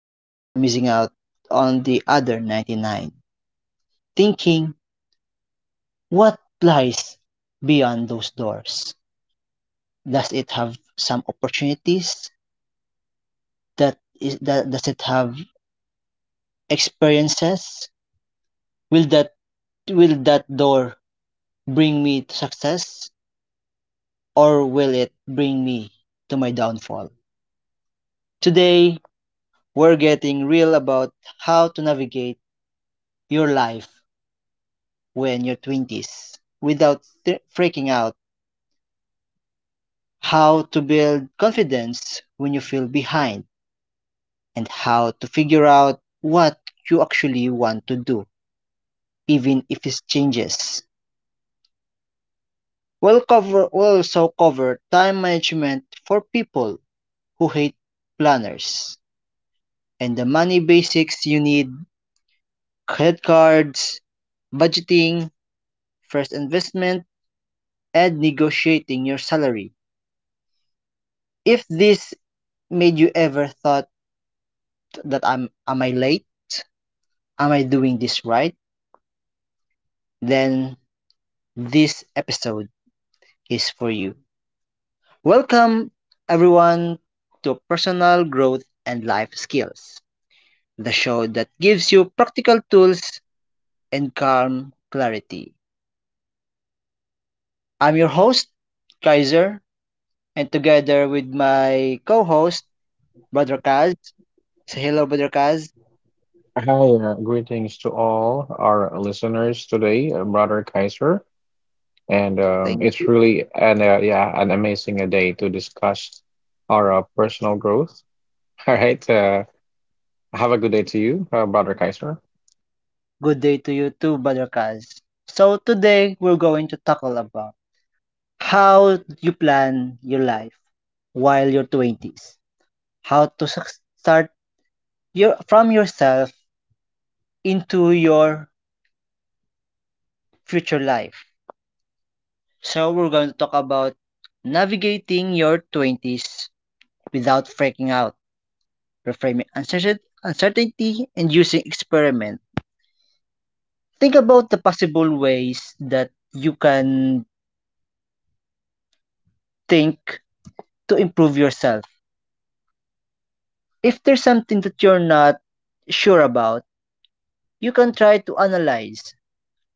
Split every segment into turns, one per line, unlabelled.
and you fear missing out on the other 99, thinking, what lies beyond those doors? Does it have some opportunities? Does it have experiences? Will that, will that door bring me to success? Or will it bring me to my downfall? Today, we're getting real about how to navigate your life when you're 20s without freaking out, how to build confidence when you feel behind, and how to figure out what you actually want to do, even if it changes. We'll also cover time management for people who hate planners and the money basics you need, credit cards, budgeting, first investment, and negotiating your salary. If this made you ever thought that I'm am I late? Am I doing this right? Then this episode is for you. Welcome everyone to Personal Growth and Life Skills, the show that gives you practical tools and calm clarity. I'm your host, Kaiser, and together with my co-host, Brother Kaz. Say hello, Brother Kaz.
Hi, greetings to all our listeners today, Brother Kaiser, and
Thank
it's really an amazing day to discuss our personal growth. All right, have a good day to you, Brother Kaiser.
Good day to you too, Badarkaz. So today we're going to tackle about how you plan your life while your 20s. How to start your from yourself into your future life. So we're going to talk about navigating your 20s without freaking out, reframing uncertainty and using experiment. Think about the possible ways that you can think to improve yourself if there's something that you're not sure about, you can try to analyze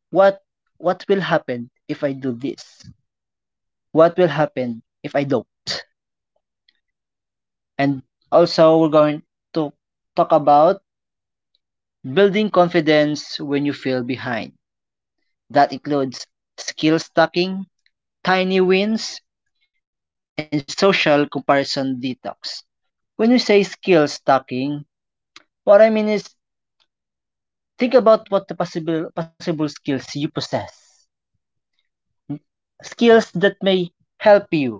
what what will happen if I do this? What will happen if I don't? And also we're going to talk about building confidence when you feel behind. That includes skill stacking, tiny wins, and social comparison detox. When you say skill stacking, what I mean is think about what the possible skills you possess, skills that may help you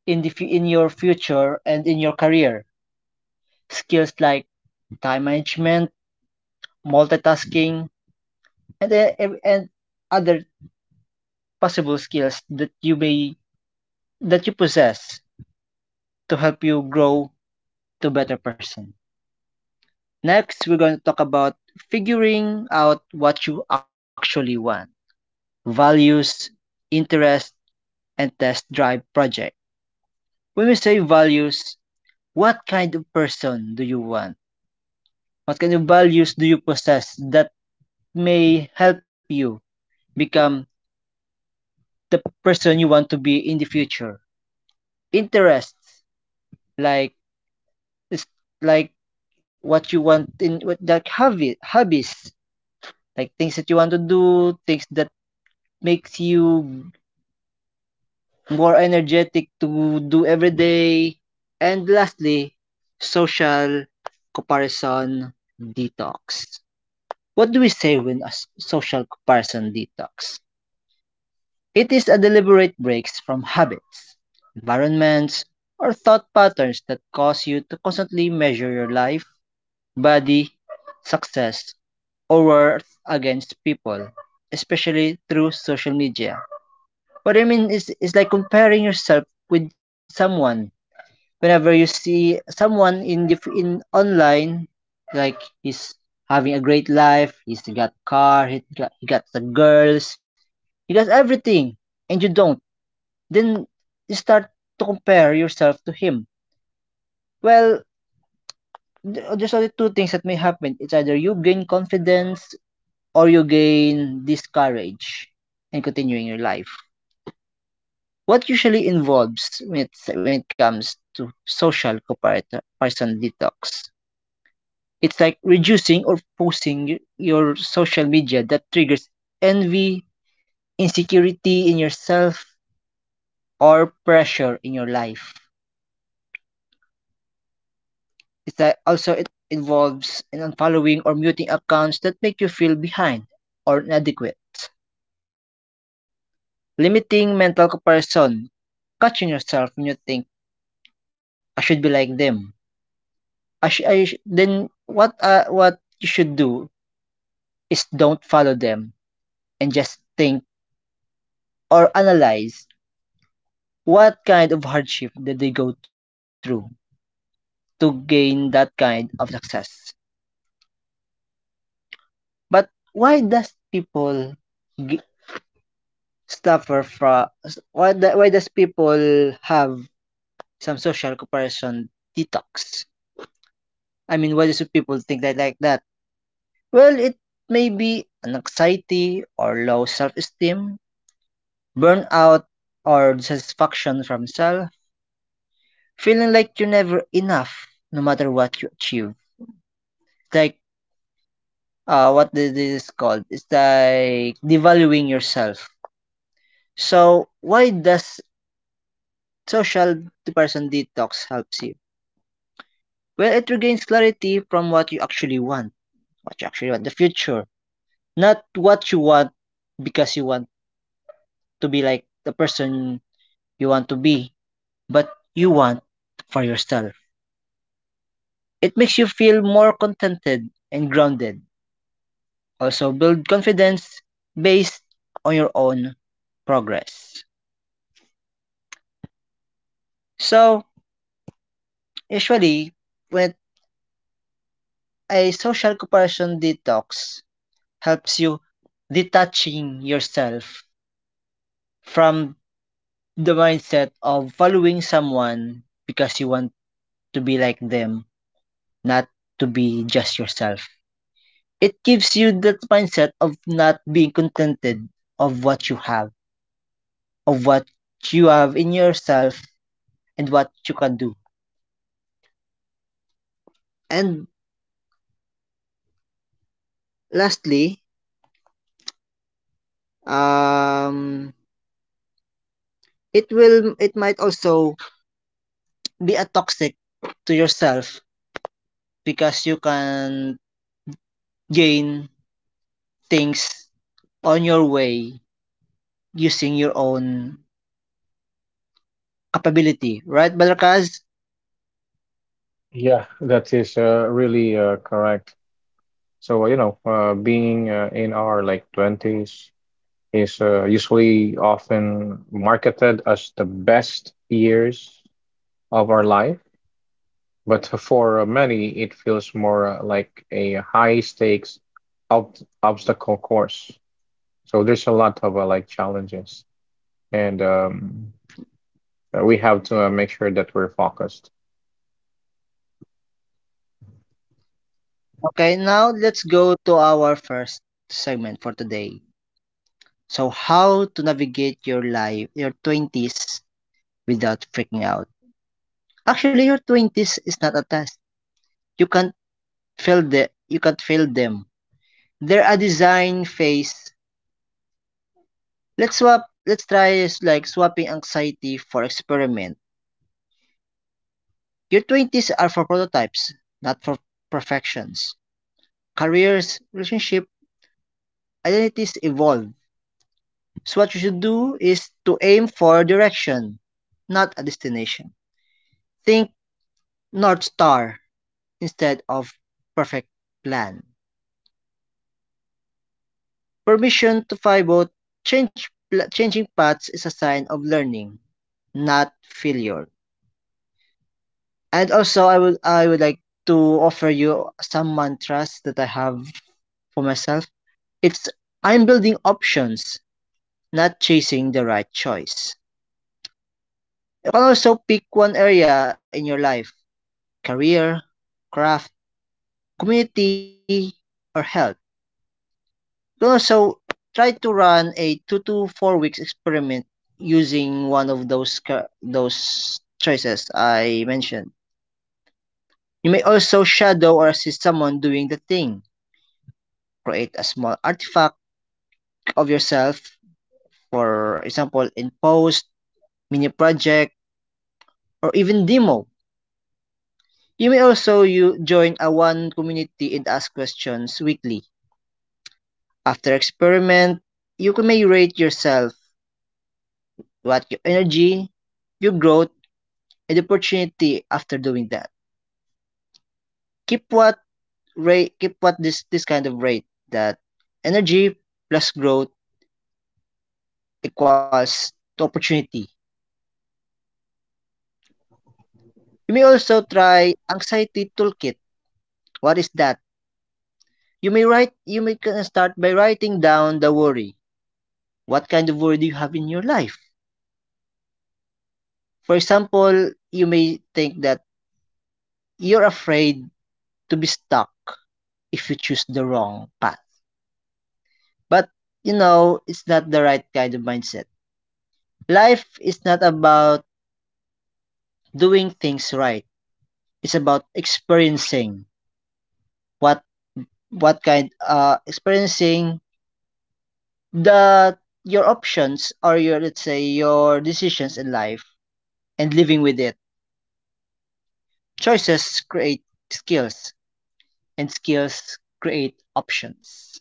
in your future and in your career, skills like time management, multitasking, and other possible skills that you possess to help you grow to better person. Next, we're going to talk about figuring out what you actually want: values, interest, and test drive project. When we say values, what kind of person do you want? What kind of values do you possess that may help you become the person you want to be in the future? Interests, like like what you want in what like hobbies, like things that you want to do, things that makes you more energetic to do every day. And lastly, social comparison detox. What do we say when a social comparison detox? It is a deliberate breaks from habits, environments, or thought patterns that cause you to constantly measure your life, body, success, or worth against people, especially through social media. What I mean is like comparing yourself with someone. Whenever you see someone in in online, like he's having a great life, he's got car, he got the girls, he got everything, and you don't, then you start to compare yourself to him. Well, there's only two things that may happen. It's either you gain confidence or you gain discourage in continuing your life. What usually involves when it comes to social comparator person detox? It's like reducing or posting your social media that triggers envy, insecurity in yourself, or pressure in your life. It also it involves in unfollowing or muting accounts that make you feel behind or inadequate, limiting mental comparison, catching yourself when you think, "I should be like them." Then what you should do is don't follow them and just think or analyze what kind of hardship did they go through to gain that kind of success. But why does people g- suffer from, why does people have some social comparison detox? I mean, why does people think that like that? Well, it may be an anxiety or low self-esteem, burnout or dissatisfaction from self, feeling like you're never enough no matter what you achieve. Like what this is called? It's like devaluing yourself. So why does social comparison detox helps you? Well, it regains clarity from what you actually want, the future, not what you want because you want to be like the person you want to be, but you want for yourself. It makes you feel more contented and grounded. Also, build confidence based on your own progress. So, usually, when a social comparison detox helps you detaching yourself from the mindset of following someone because you want to be like them, not to be just yourself. It gives you that mindset of not being contented of what you have, of what you have in yourself and what you can do. And lastly, um it will, it might also be a toxic to yourself because you can gain things on your way using your own capability, right, Balakaz?
Yeah, that is really correct. So being in our like 20s is usually often marketed as the best years of our life. But for many, it feels more like a high stakes ob obstacle course. So there's a lot of like challenges, and we have to make sure that we're focused.
Okay, now let's go to our first segment for today. So, how to navigate your life, your 20s, without freaking out. Actually, your 20s is not a test. You can't you can't fail them. They're a design phase. Let's swap. Let's try is like swapping anxiety for experiment. Your 20s are for prototypes, not for perfections. Careers, relationship, identities evolve. So what you should do is to aim for direction, not a destination. Think North Star instead of perfect plan. Permission to fly boat, changing paths is a sign of learning, not failure. And also, I would like to offer you some mantras that I have for myself. It's: I'm building options, not chasing the right choice. You can also pick one area in your life, career, craft, community or health. So try to run a 2 to 4 weeks experiment using one of those choices I mentioned. You may also shadow or assist someone doing the thing. Create a small artifact of yourself, for example, in post, mini project, or even demo. You may also you join a one community and ask questions weekly. After experiment, you can may rate yourself what your energy, your growth, and the opportunity after doing that. Keep what Keep what this kind of rate, that energy plus growth equals to opportunity. You may also try anxiety toolkit. What is that? You may kinda start by writing down the worry. What kind of worry do you have in your life? For example, you may think that you're afraid to be stuck if you choose the wrong path. But, you know, it's not the right kind of mindset. Life is not about doing things right. It's about experiencing what what kind experiencing the your options or your, let's say, your decisions in life and living with it. Choices create skills and skills create options.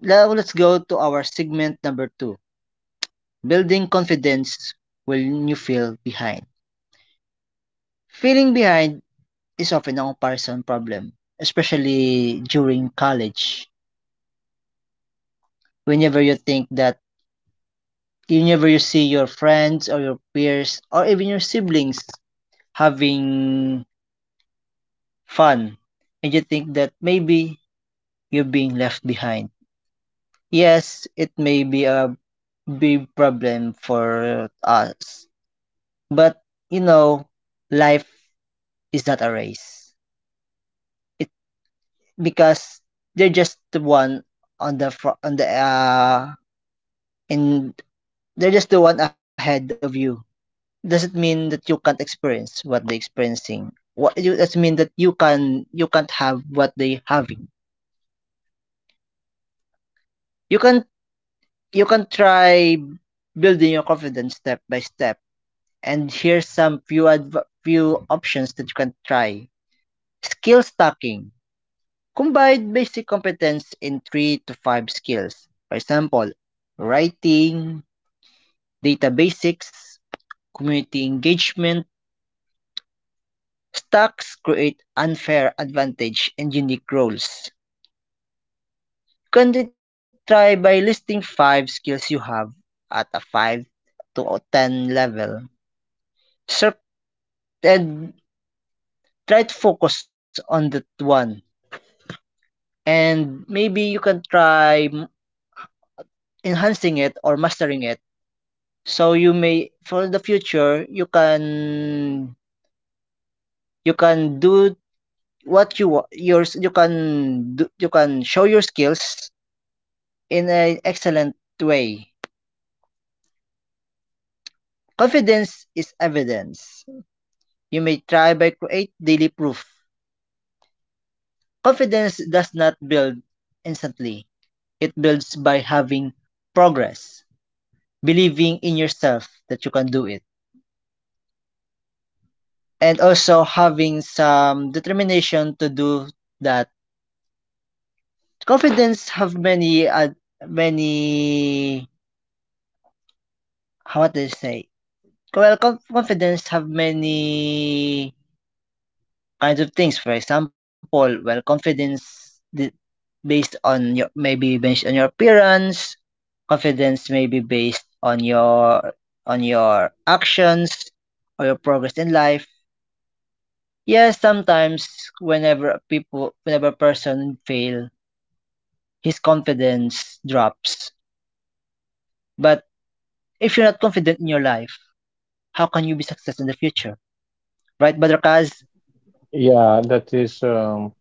Now let's go to our segment number two. Building confidence when you feel behind. Feeling behind is often a comparison problem, especially during college. Whenever you think that, whenever you see your friends or your peers or even your siblings having fun, and you think that maybe you're being left behind. Yes, it may be a big problem for us, but you know, life is not a race. It because they're just the one on the fr- on the in They're just the one ahead of you. Doesn't mean that you can't experience what they're experiencing. What you Doesn't mean that you can't have what they having. You can you can try building your confidence step by step. And here's some few options that you can try. Skill stacking. Combine basic competence in three to five skills. For example, writing, data basics, community engagement. Stacks create unfair advantage and unique roles. You can try by listing five skills you have at a 5 to 10 level. So, and try to focus on that one. And maybe you can try enhancing it or mastering it. So you may, for the future, you can do what you you can do, you can show your skills in an excellent way. Confidence is evidence. You may try by create daily proof. Confidence does not build instantly. It builds by having progress, believing in yourself that you can do it, and also having some determination to do that. Confidence have many how do you say? Well, confidence have many kinds of things. For example, well, confidence based on your maybe based on your appearance. Confidence may be based on your actions or your progress in life. Yes, sometimes whenever a person fail, his confidence drops. But if you're not confident in your life, how can you be successful in the future? Right, Brother Kaz?
Yeah, that is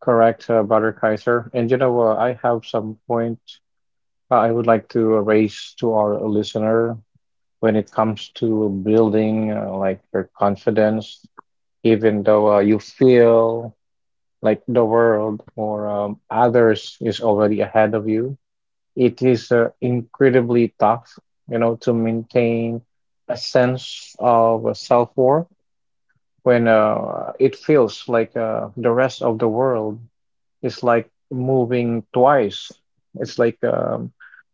correct, Brother Kaiser. And I have some point I would like to raise to our listener when it comes to building like your confidence, even though you feel like the world or others is already ahead of you. It is incredibly tough, to maintain a sense of self-worth when it feels like the rest of the world is like moving twice. It's like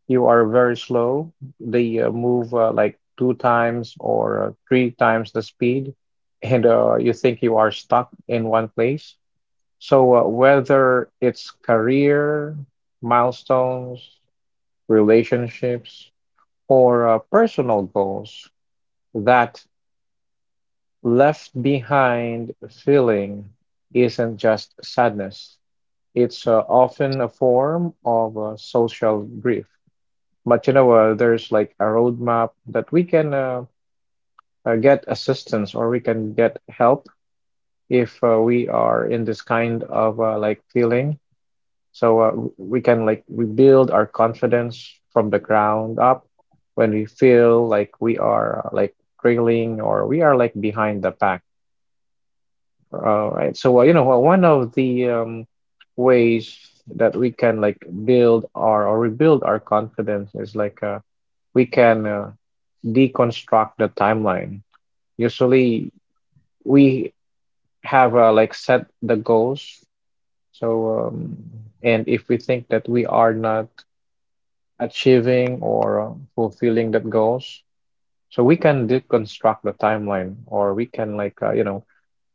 you are very slow. They move like two times or three times the speed, and you think you are stuck in one place, so, whether it's career, milestones, relationships, or personal goals, that left behind feeling isn't just sadness. It's often a form of social grief. But there's like a roadmap that we can get assistance, or we can get help if we are in this kind of like feeling. So we can like rebuild our confidence from the ground up when we feel like we are like trailing or we are like behind the pack. Right. So well, one of the ways that we can like build our or rebuild our confidence is like we can deconstruct the timeline. Usually, we have like set the goals. So, and if we think that we are not achieving or fulfilling that goals. So we can deconstruct the timeline, or we can like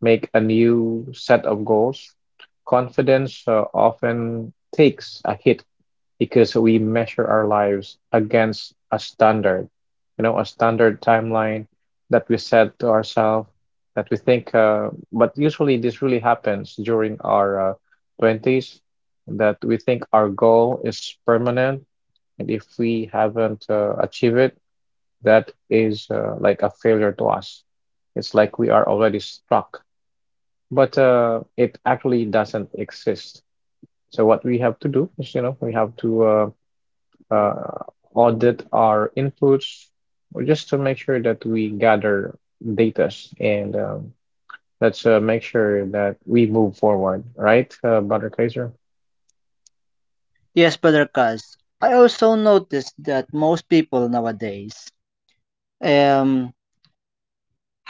make a new set of goals. Confidence often takes a hit because we measure our lives against a standard, a standard timeline that we set to ourselves that we think. But usually, this really happens during our 20s that we think our goal is permanent, and if we haven't achieved it, that is like a failure to us. It's like we are already stuck, but it actually doesn't exist. So what we have to do is, we have to uh, audit our inputs, or just to make sure that we gather data and let's make sure that we move forward, right, Brother Kaiser?
Yes, Brother Kaz. I also noticed that most people nowadays um,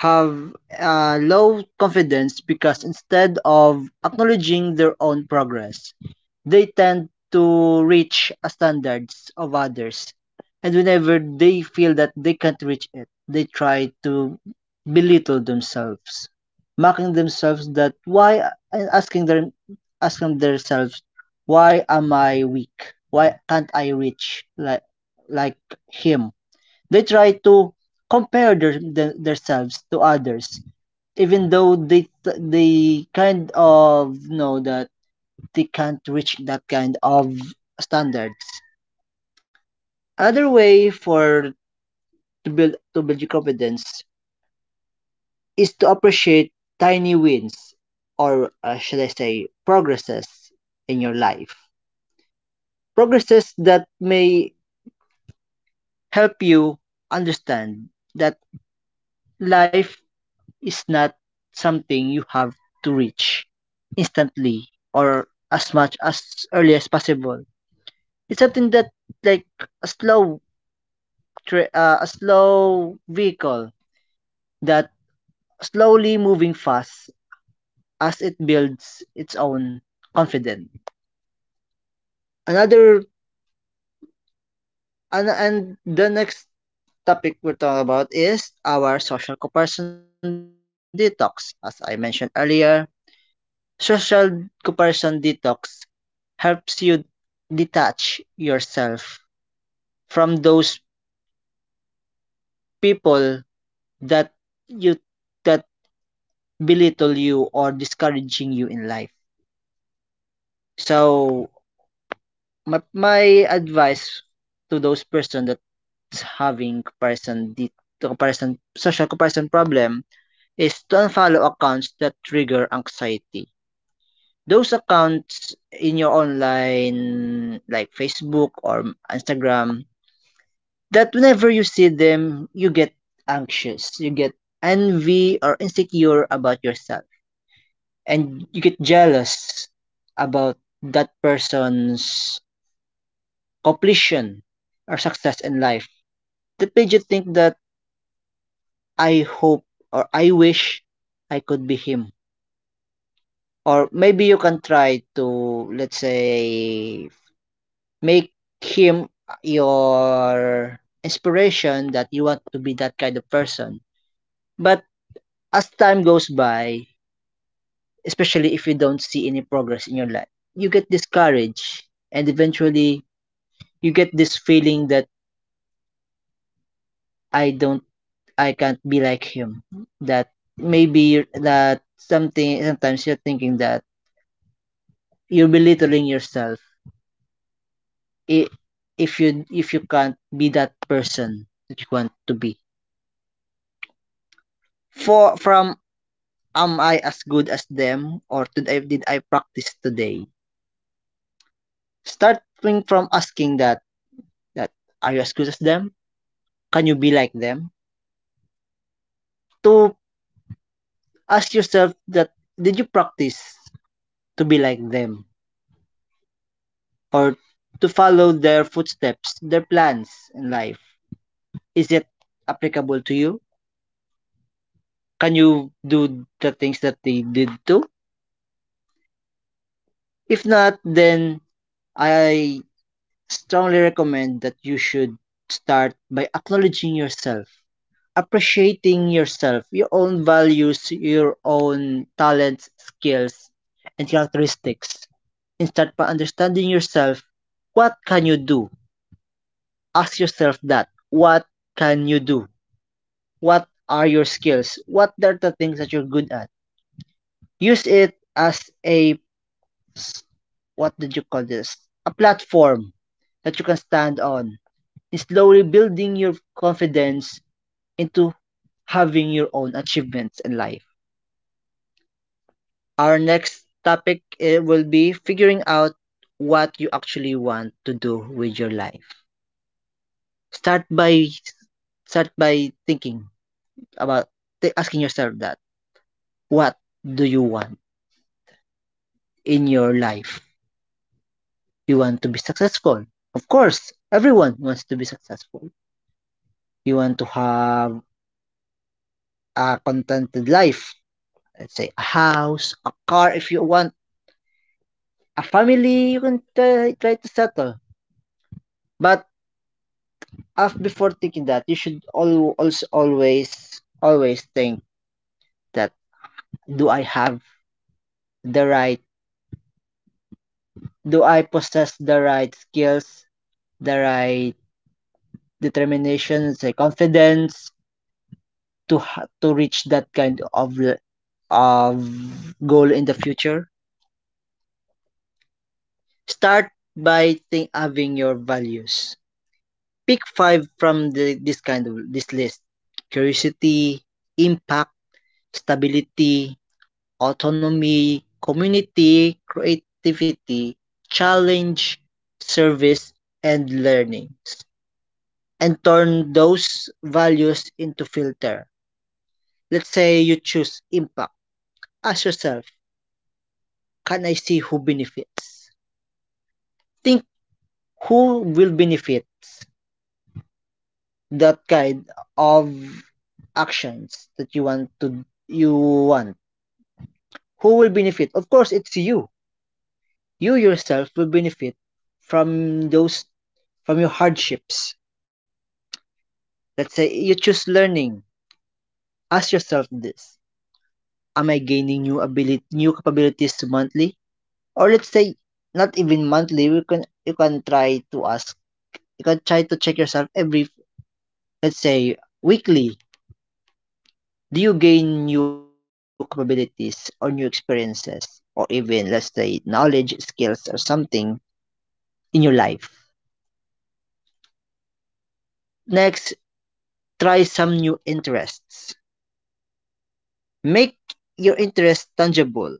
have low confidence because instead of acknowledging their own progress, they tend to reach a standards of others. And whenever they feel that they can't reach it, they try to belittle themselves, mocking themselves that why and asking themselves why am I weak? Why can't I reach like him? They try to compare themselves to others, even though they kind of know that they can't reach that kind of standards. Another way for to build your confidence is to appreciate tiny wins, or should I say, progresses in your life. Progresses that may help you understand that life is not something you have to reach instantly or as much as early as possible. It's something that like a slow a slow vehicle that slowly moving fast as it builds its own confidence. Another and the next topic we're talking about is our social comparison detox. As I mentioned earlier, social comparison detox helps you detach yourself from those people that you that belittle you or discouraging you in life. So my advice to those person that's having comparison di- to comparison social comparison problem is to unfollow accounts that trigger anxiety. Those accounts in your online like Facebook or Instagram that whenever you see them, you get anxious, you get envy or insecure about yourself, and you get jealous about that person's completion or success in life. That made you think that I hope or I wish I could be him. Or maybe you can try to, let's say, make him your inspiration that you want to be that kind of person. But as time goes by, especially if you don't see any progress in your life, you get discouraged and eventually you get this feeling that I don't I can't be like him. That maybe you're, that something sometimes you're thinking that you're belittling yourself i- if you can't be that person that you want to be. For from am I as good as them or did I practice today? Starting from asking that are you as good as them? Can you be like them? To ask yourself that did you practice to be like them or to follow their footsteps, their plans in life? Is it applicable to you? Can you do the things that they did too? If not, then I strongly recommend that you should start by acknowledging yourself appreciating yourself, your own values, your own talents, skills, and characteristics. Instead by understanding yourself, what can you do? Ask yourself that. What can you do? What are your skills? What are the things that you're good at? Use it as a what did you call this? A platform that you can stand on. And slowly building your confidence into having your own achievements in life. Our next topic will be figuring out what you actually want to do with your life. Start by start by thinking about asking yourself that what do you want in your life? You want to be successful. Of course, everyone wants to be successful. You want to have a contented life. Let's say a house, a car if you want, a family you can try, try to settle. But Of before thinking that, you should also always think that do I have the right do I possess the right skills, the right determination, say confidence to reach that kind of of goal in the future? Start by think having your values. Pick five from the, this kind of this list: curiosity, impact, stability, autonomy, community, creativity, challenge, service, and learnings, and turn those values into filter. Let's say you choose impact. Ask yourself, can I see who benefits? Think who will benefit that kind of actions that you want. Who will benefit? Of course, it's you yourself will benefit from those from your hardships. Let's say you choose learning. Ask yourself this. Am I gaining new capabilities monthly? Or let's say not even monthly, you can try to ask you can try to check yourself every let's say weekly. Do you gain new capabilities or new experiences? Or even let's say knowledge, skills or something in your life. Next, try some new interests. Make your interest tangible.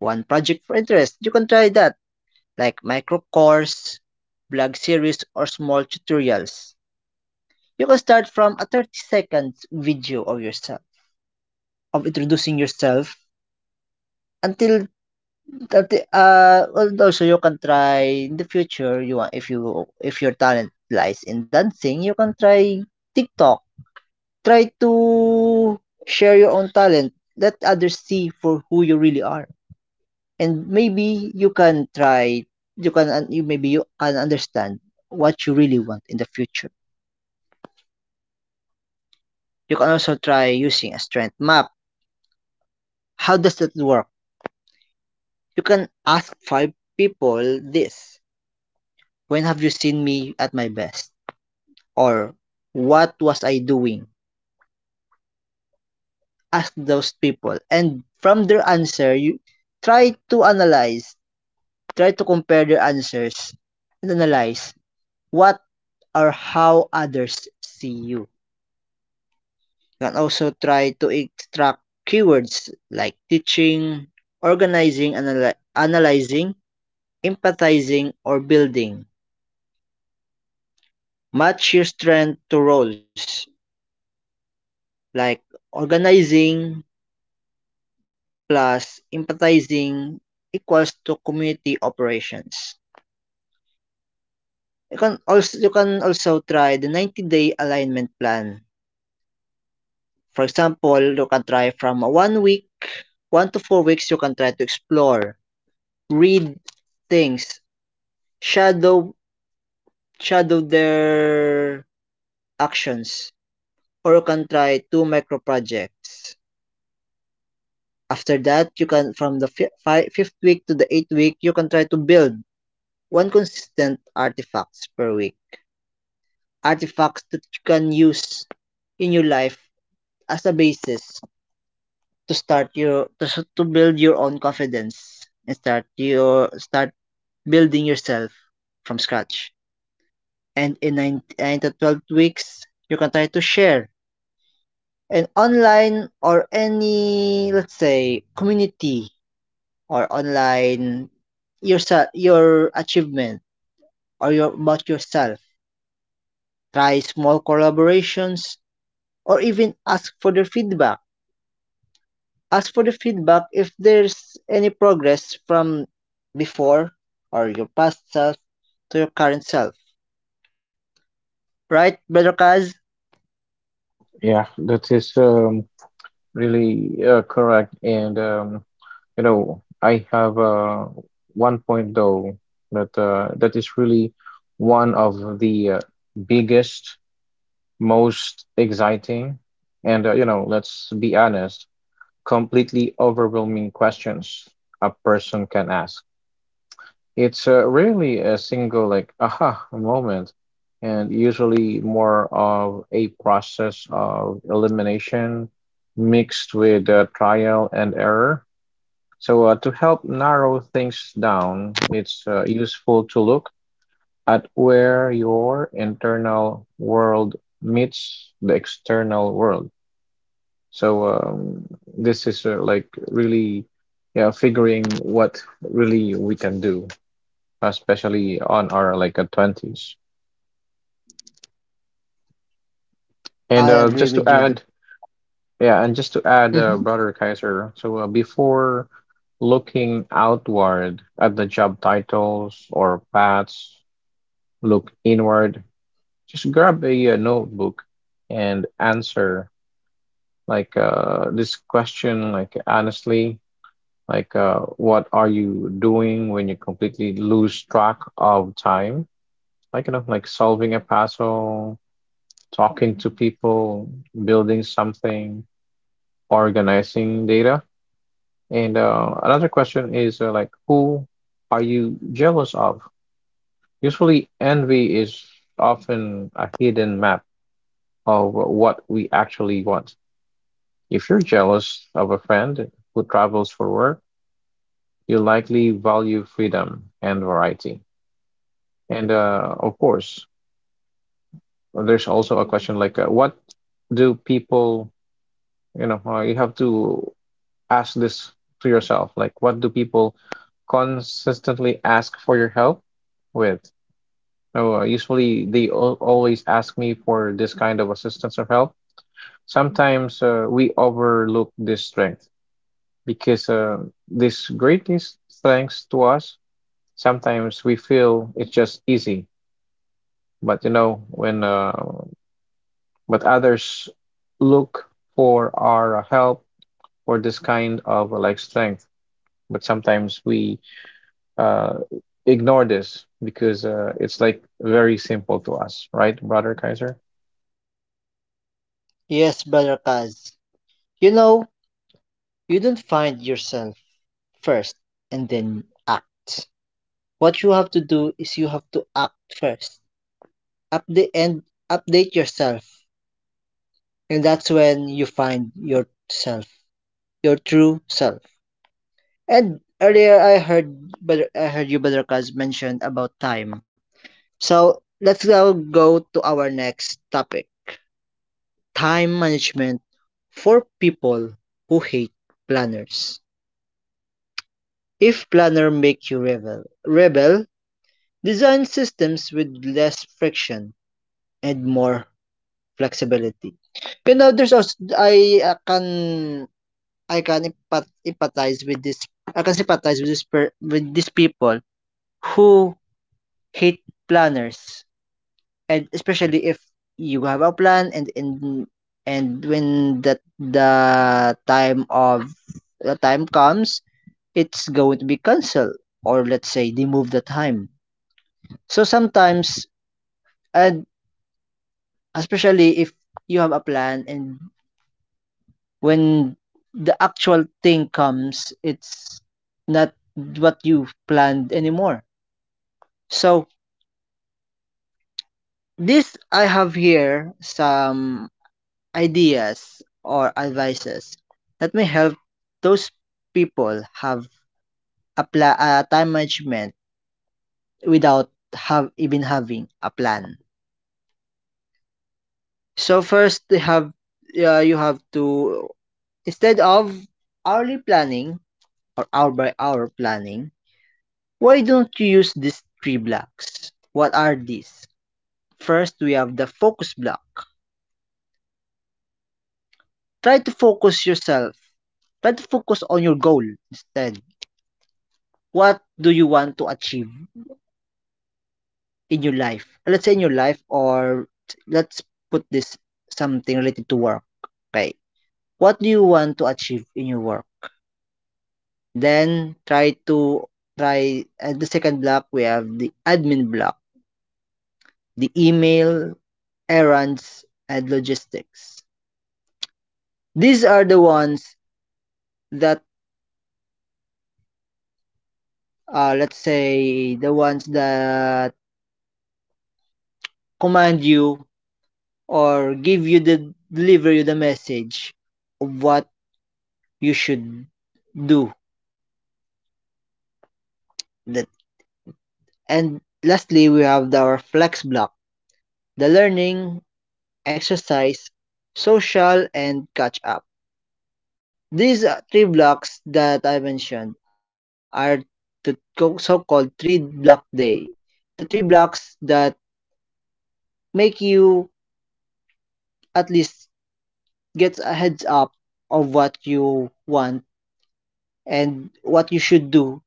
One project for interest. You can try that, like micro course, blog series, or small tutorials. You can start from a 30 seconds video of yourself, of introducing yourself until until also you can try in the future you want if you if your talent lies in dancing you can try TikTok, try to share your own talent, let others see for who you really are, and maybe you can try you can understand what you really want in the future. You can also try using a strength map. How does that work? You can ask five people this: when have you seen me at my best, or what was I doing? Ask those people and from their answer you try to analyze, try to compare their answers and analyze what or how others see you. You can also try to extract keywords like teaching, organizing, analyzing, empathizing, or building. Match your strength to roles like organizing plus empathizing equals to community operations. You can also try the 90-day alignment plan. For example, you can try from a 1 week, 1 to 4 weeks you can try to explore, read things, shadow shadow their actions or you can try two micro projects. After that you can from the fifth week to the eighth week you can try to build one consistent artifacts per week, artifacts that you can use in your life as a basis to start your to, s- to build your own confidence and start building yourself from scratch, and in 9 to 12 weeks you can try to share an online or any let's say community or online yourself your achievement or your about yourself, try small collaborations or even ask for their feedback, ask for the feedback if there's any progress from before or your past self to your current self, right Brother Kaz?
Yeah, that is really correct. And I have one point though that is really one of the biggest, most exciting, and let's be honest, completely overwhelming questions a person can ask. It's rarely a single, like, aha moment, and usually more of a process of elimination mixed with trial and error. So, to help narrow things down, it's useful to look at where your internal world meets the external world. So this is like really, yeah, figuring what really we can do, especially on our like 20s. And
I agree with you.
just to add,
Mhm.
Brother Kaiser, so before looking outward at the job titles or paths, look inward. Just grab a, notebook and answer like this question like honestly. Like, what are you doing when you completely lose track of time? Like solving a puzzle, talking to people, building something, organizing data. And another question is like, who are you jealous of? Usually, envy is often a hidden map of what we actually want. If you're jealous of a friend who travels for work, you likely value freedom and variety. And of course, there's also a question like, what do people, you know, you have to ask this to yourself. Like, what do people consistently ask for your help with? Oh, usually they al always ask me for this kind of assistance or help. Sometimes we overlook this strength because this greatest strength to us, sometimes we feel it's just easy. But you know, when But others look for our help for this kind of like strength. But sometimes we uh, ignore this because it's like very simple to us, right, Brother Kaiser?
Yes, Brother Kaz. You know, you don't find yourself first and then act. What you have to do is you have to act first. Update and update yourself. And that's when you find yourself, your true self. And earlier I heard you Brother Kaz mentioned about time. So let's now go to our next topic. Time management for people who hate planners. If planner make you rebel, rebel, design systems with less friction and more flexibility. You know, there's also I can empathize with this. I can sympathize with with these people who hate planners, and especially if you have a plan and when that the time of the time comes, it's going to be cancelled or let's say they move the time. So sometimes and especially if you have a plan and when the actual thing comes, it's not what you planned anymore. So, this I have here some ideas or advices that may help those people have a, a time management without have even having a plan. So first, they have you have to instead of hourly planning, or hour-by-hour planning, why don't you use these three blocks? What are these? First, we have the focus block. Try to focus yourself. Try to focus on your goal instead. What do you want to achieve in your life? Let's say in your life, or let's put this something related to work. Okay. What do you want to achieve in your work? Then try to try at the second block we have the admin block, the email, errands, and logistics. These are the ones that, let's say, the ones that command you or give you the deliver you the message of what you should do. That and lastly, we have our flex block, the learning, exercise, social, and catch up. These three blocks that I mentioned are the so-called three block day. The three blocks that make you at least get a heads up of what you want and what you should do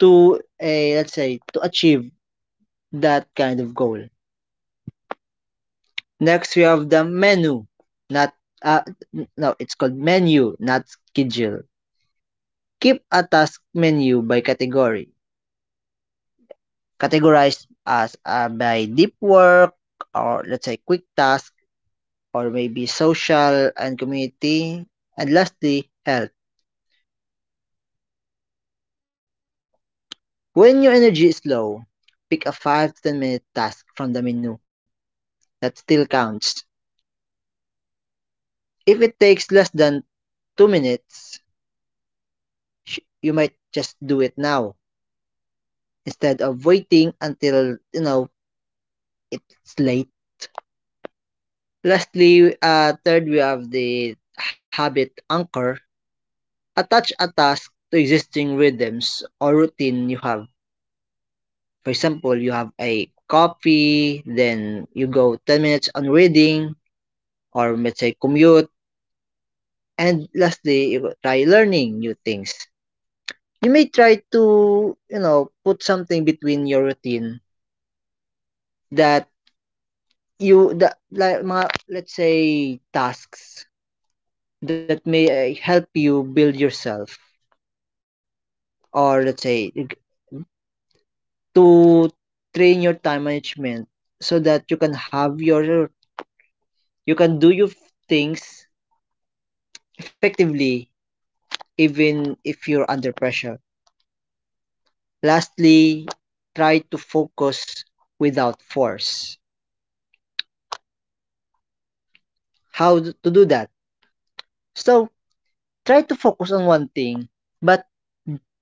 to a let's say to achieve that kind of goal. Next we have the menu, not uh, no, it's called menu, not schedule. Keep a task menu by category, categorized as by deep work or let's say quick task or maybe social and community and lastly health. When your energy is low, pick a 5 to 10 minute task from the menu that still counts. If it takes less than 2 minutes, you might just do it now instead of waiting until it's late. Lastly, third, we have the habit anchor. Attach a task to existing rhythms or routine you have. For example, you have a coffee, then you go 10 minutes on reading, or let's say commute. And lastly, try learning new things. You may try to, you know, put something between your routine that you that like mga let's say tasks that may help you build yourself or let's say to train your time management so that you can have your you can do your things effectively even if you're under pressure. Lastly, try to focus without force. How to do that? So try to focus on one thing, but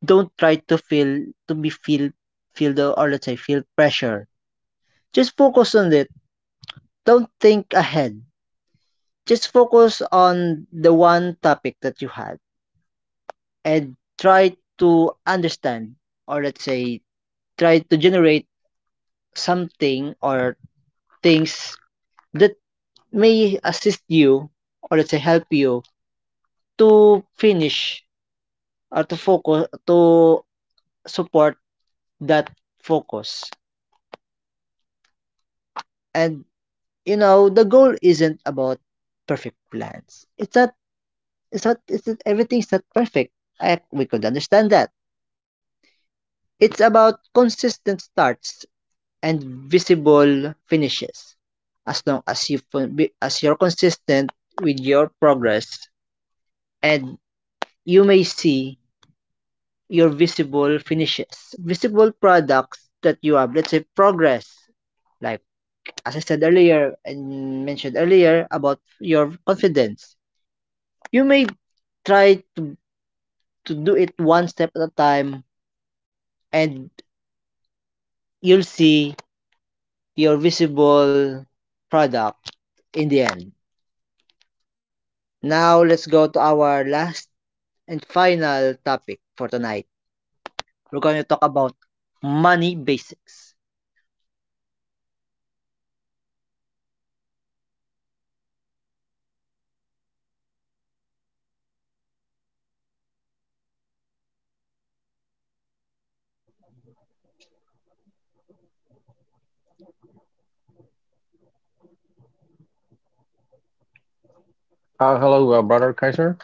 don't try to feel to be feel feel the or let's say feel pressure. Just focus on it. Don't think ahead. Just focus on the one topic that you had and try to understand or let's say try to generate something or things that may assist you or let's say help you to finish or to focus to support that focus. And you know, the goal isn't about perfect plans. It's not. Everything's not perfect. We could understand that. It's about consistent starts and visible finishes. As long as you're consistent with your progress, and you may see your visible finishes, visible products that you have. Let's say progress like. As I said earlier and mentioned earlier about your confidence, you may try to, to do it one step at a time and you'll see your visible product in the end. Now, let's go to our last and final topic for tonight. We're going to talk about money basics.
Hello, Brother Kaiser.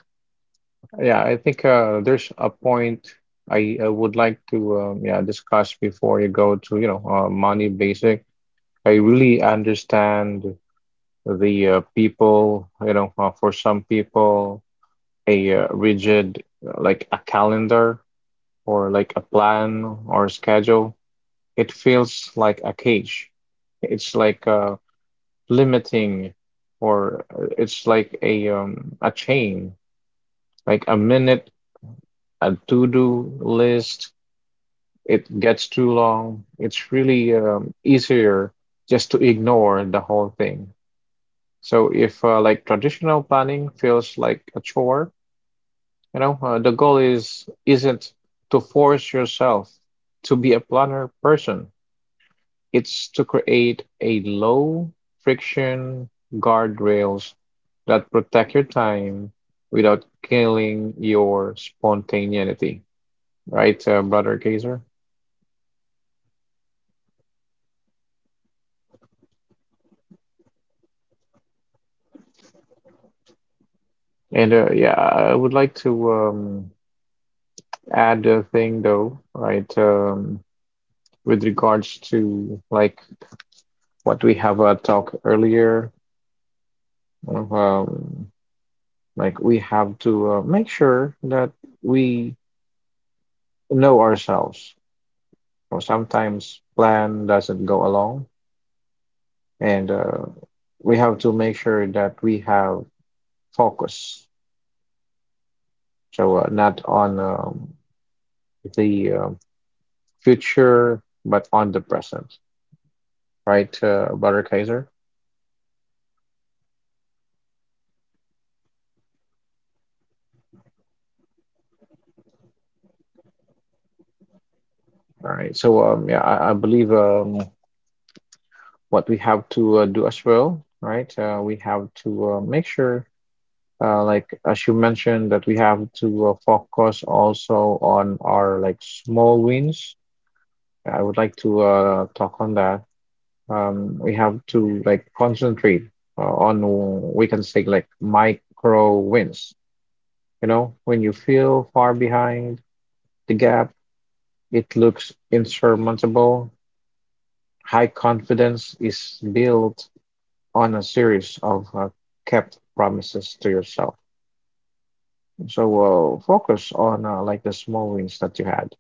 Yeah, I think there's a point I would like to discuss before you go to money basic. I really understand the people, for some people. A rigid, like a calendar or like a plan or a schedule. It feels like a cage. It's like limiting, or it's like a chain, like a minute, a to-do list. It gets too long. It's really easier just to ignore the whole thing. So if like traditional planning feels like a chore. The goal is isn't to force yourself to be a planner person. It's to create a low friction guardrails that protect your time without killing your spontaneity. Right, Brother Kaiser? And I would like to add a thing though, right? With regards to like what we have talked earlier, um, Like we have to make sure that we know ourselves. Or sometimes plan doesn't go along, and we have to make sure that we have focus. So not on the future, but on the present, right, Brother Kaiser? All right. So I believe what we have to do as well, right? We have to make sure. Like as you mentioned that we have to focus also on our like small wins. I would like to talk on that. We have to like concentrate on we can say like micro wins. When you feel far behind the gap, it looks insurmountable. High confidence is built on a series of kept promises to yourself. So focus on like the small wins that you had,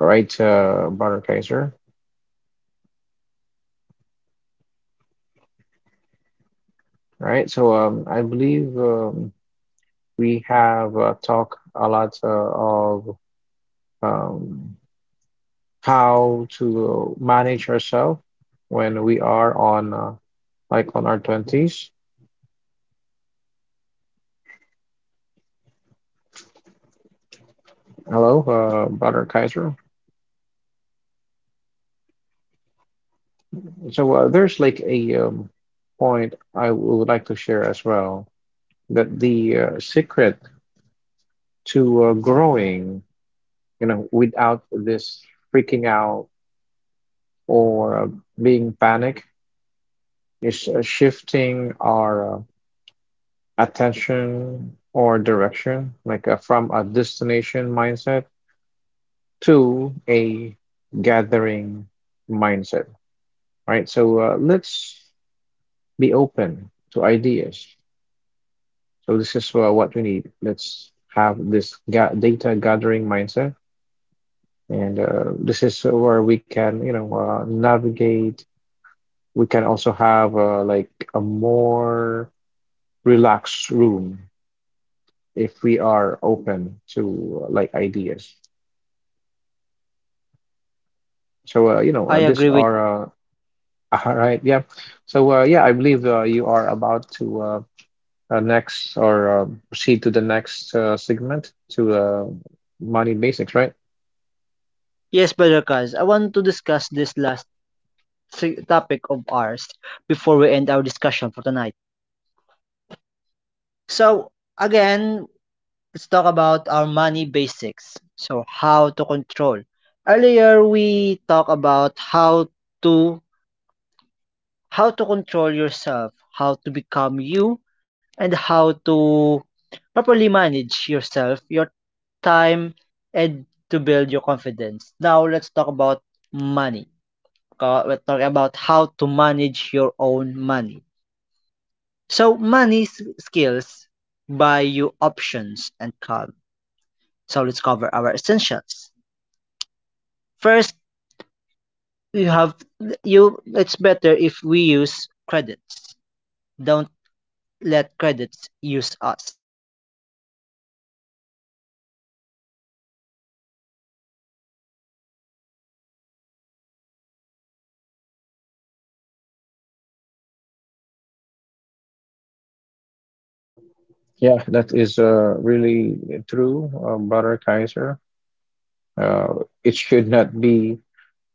right, Brother Kaiser? Right. So I believe we have talked a lot of um, how to manage ourselves when we are on our 20s. Hello, Brother Kaiser. So there's like a point I would like to share as well that the secret to growing. Without this freaking out or being panic, it's shifting our attention or direction, like from a destination mindset to a gathering mindset, right? So let's be open to ideas. So this is what we need. Let's have this ga data gathering mindset, and this is where we can, navigate. We can also have like a more relaxed room if we are open to like ideas. So uh, you know,
I
uh,
agree
this
with you.
are all right, yeah. So I believe you are about to next or proceed to the next segment to money basics, right?
Yes, Brother Kaz. I want to discuss this last topic of ours before we end our discussion for tonight. So, again, let's talk about our money basics. So, how to control. Earlier, we talked about to how to control yourself, how to become you, and how to properly manage yourself, your time, and to build your confidence. Now, let's talk about money. We're talking about how to manage your own money. So, money skills buy you options and calm. So, let's cover our essentials. First, you have you it's better if we use credits. Don't let credits use us. So these are our golden rules.
Yeah, that is really true, Brother Kaiser. Uh, it should not be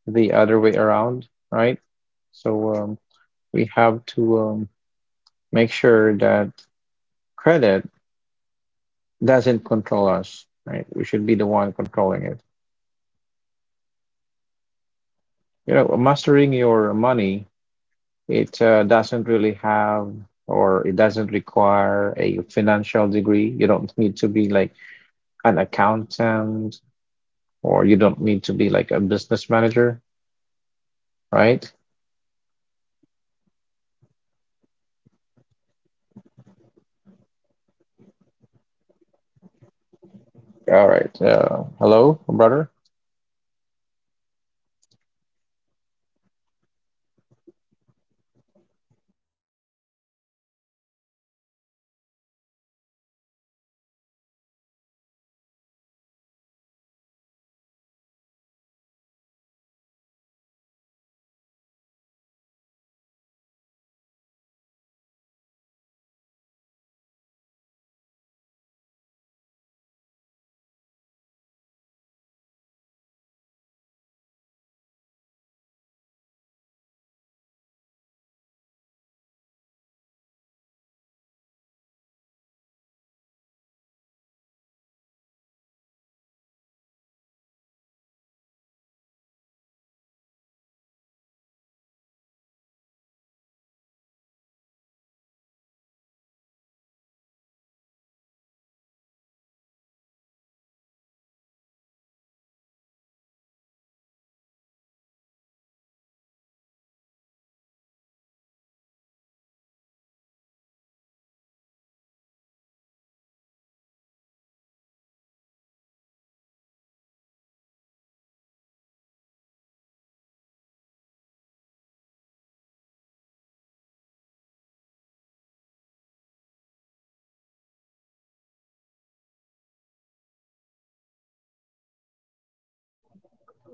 the other way around, right? So, we have to make sure that credit doesn't control us, right? We should be the one controlling it. Mastering your money, it doesn't really have or it doesn't require a financial degree. You don't need to be like an accountant or you don't need to be like a business manager, right? All right. Hello, Brother.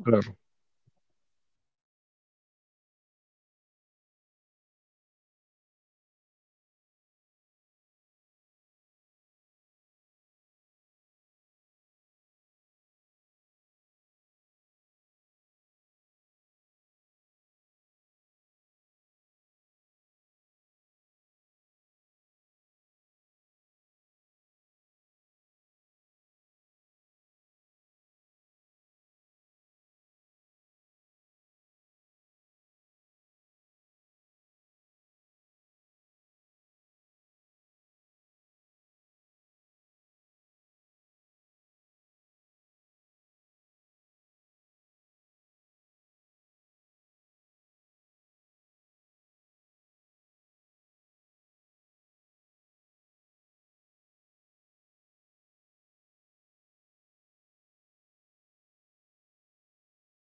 Hello.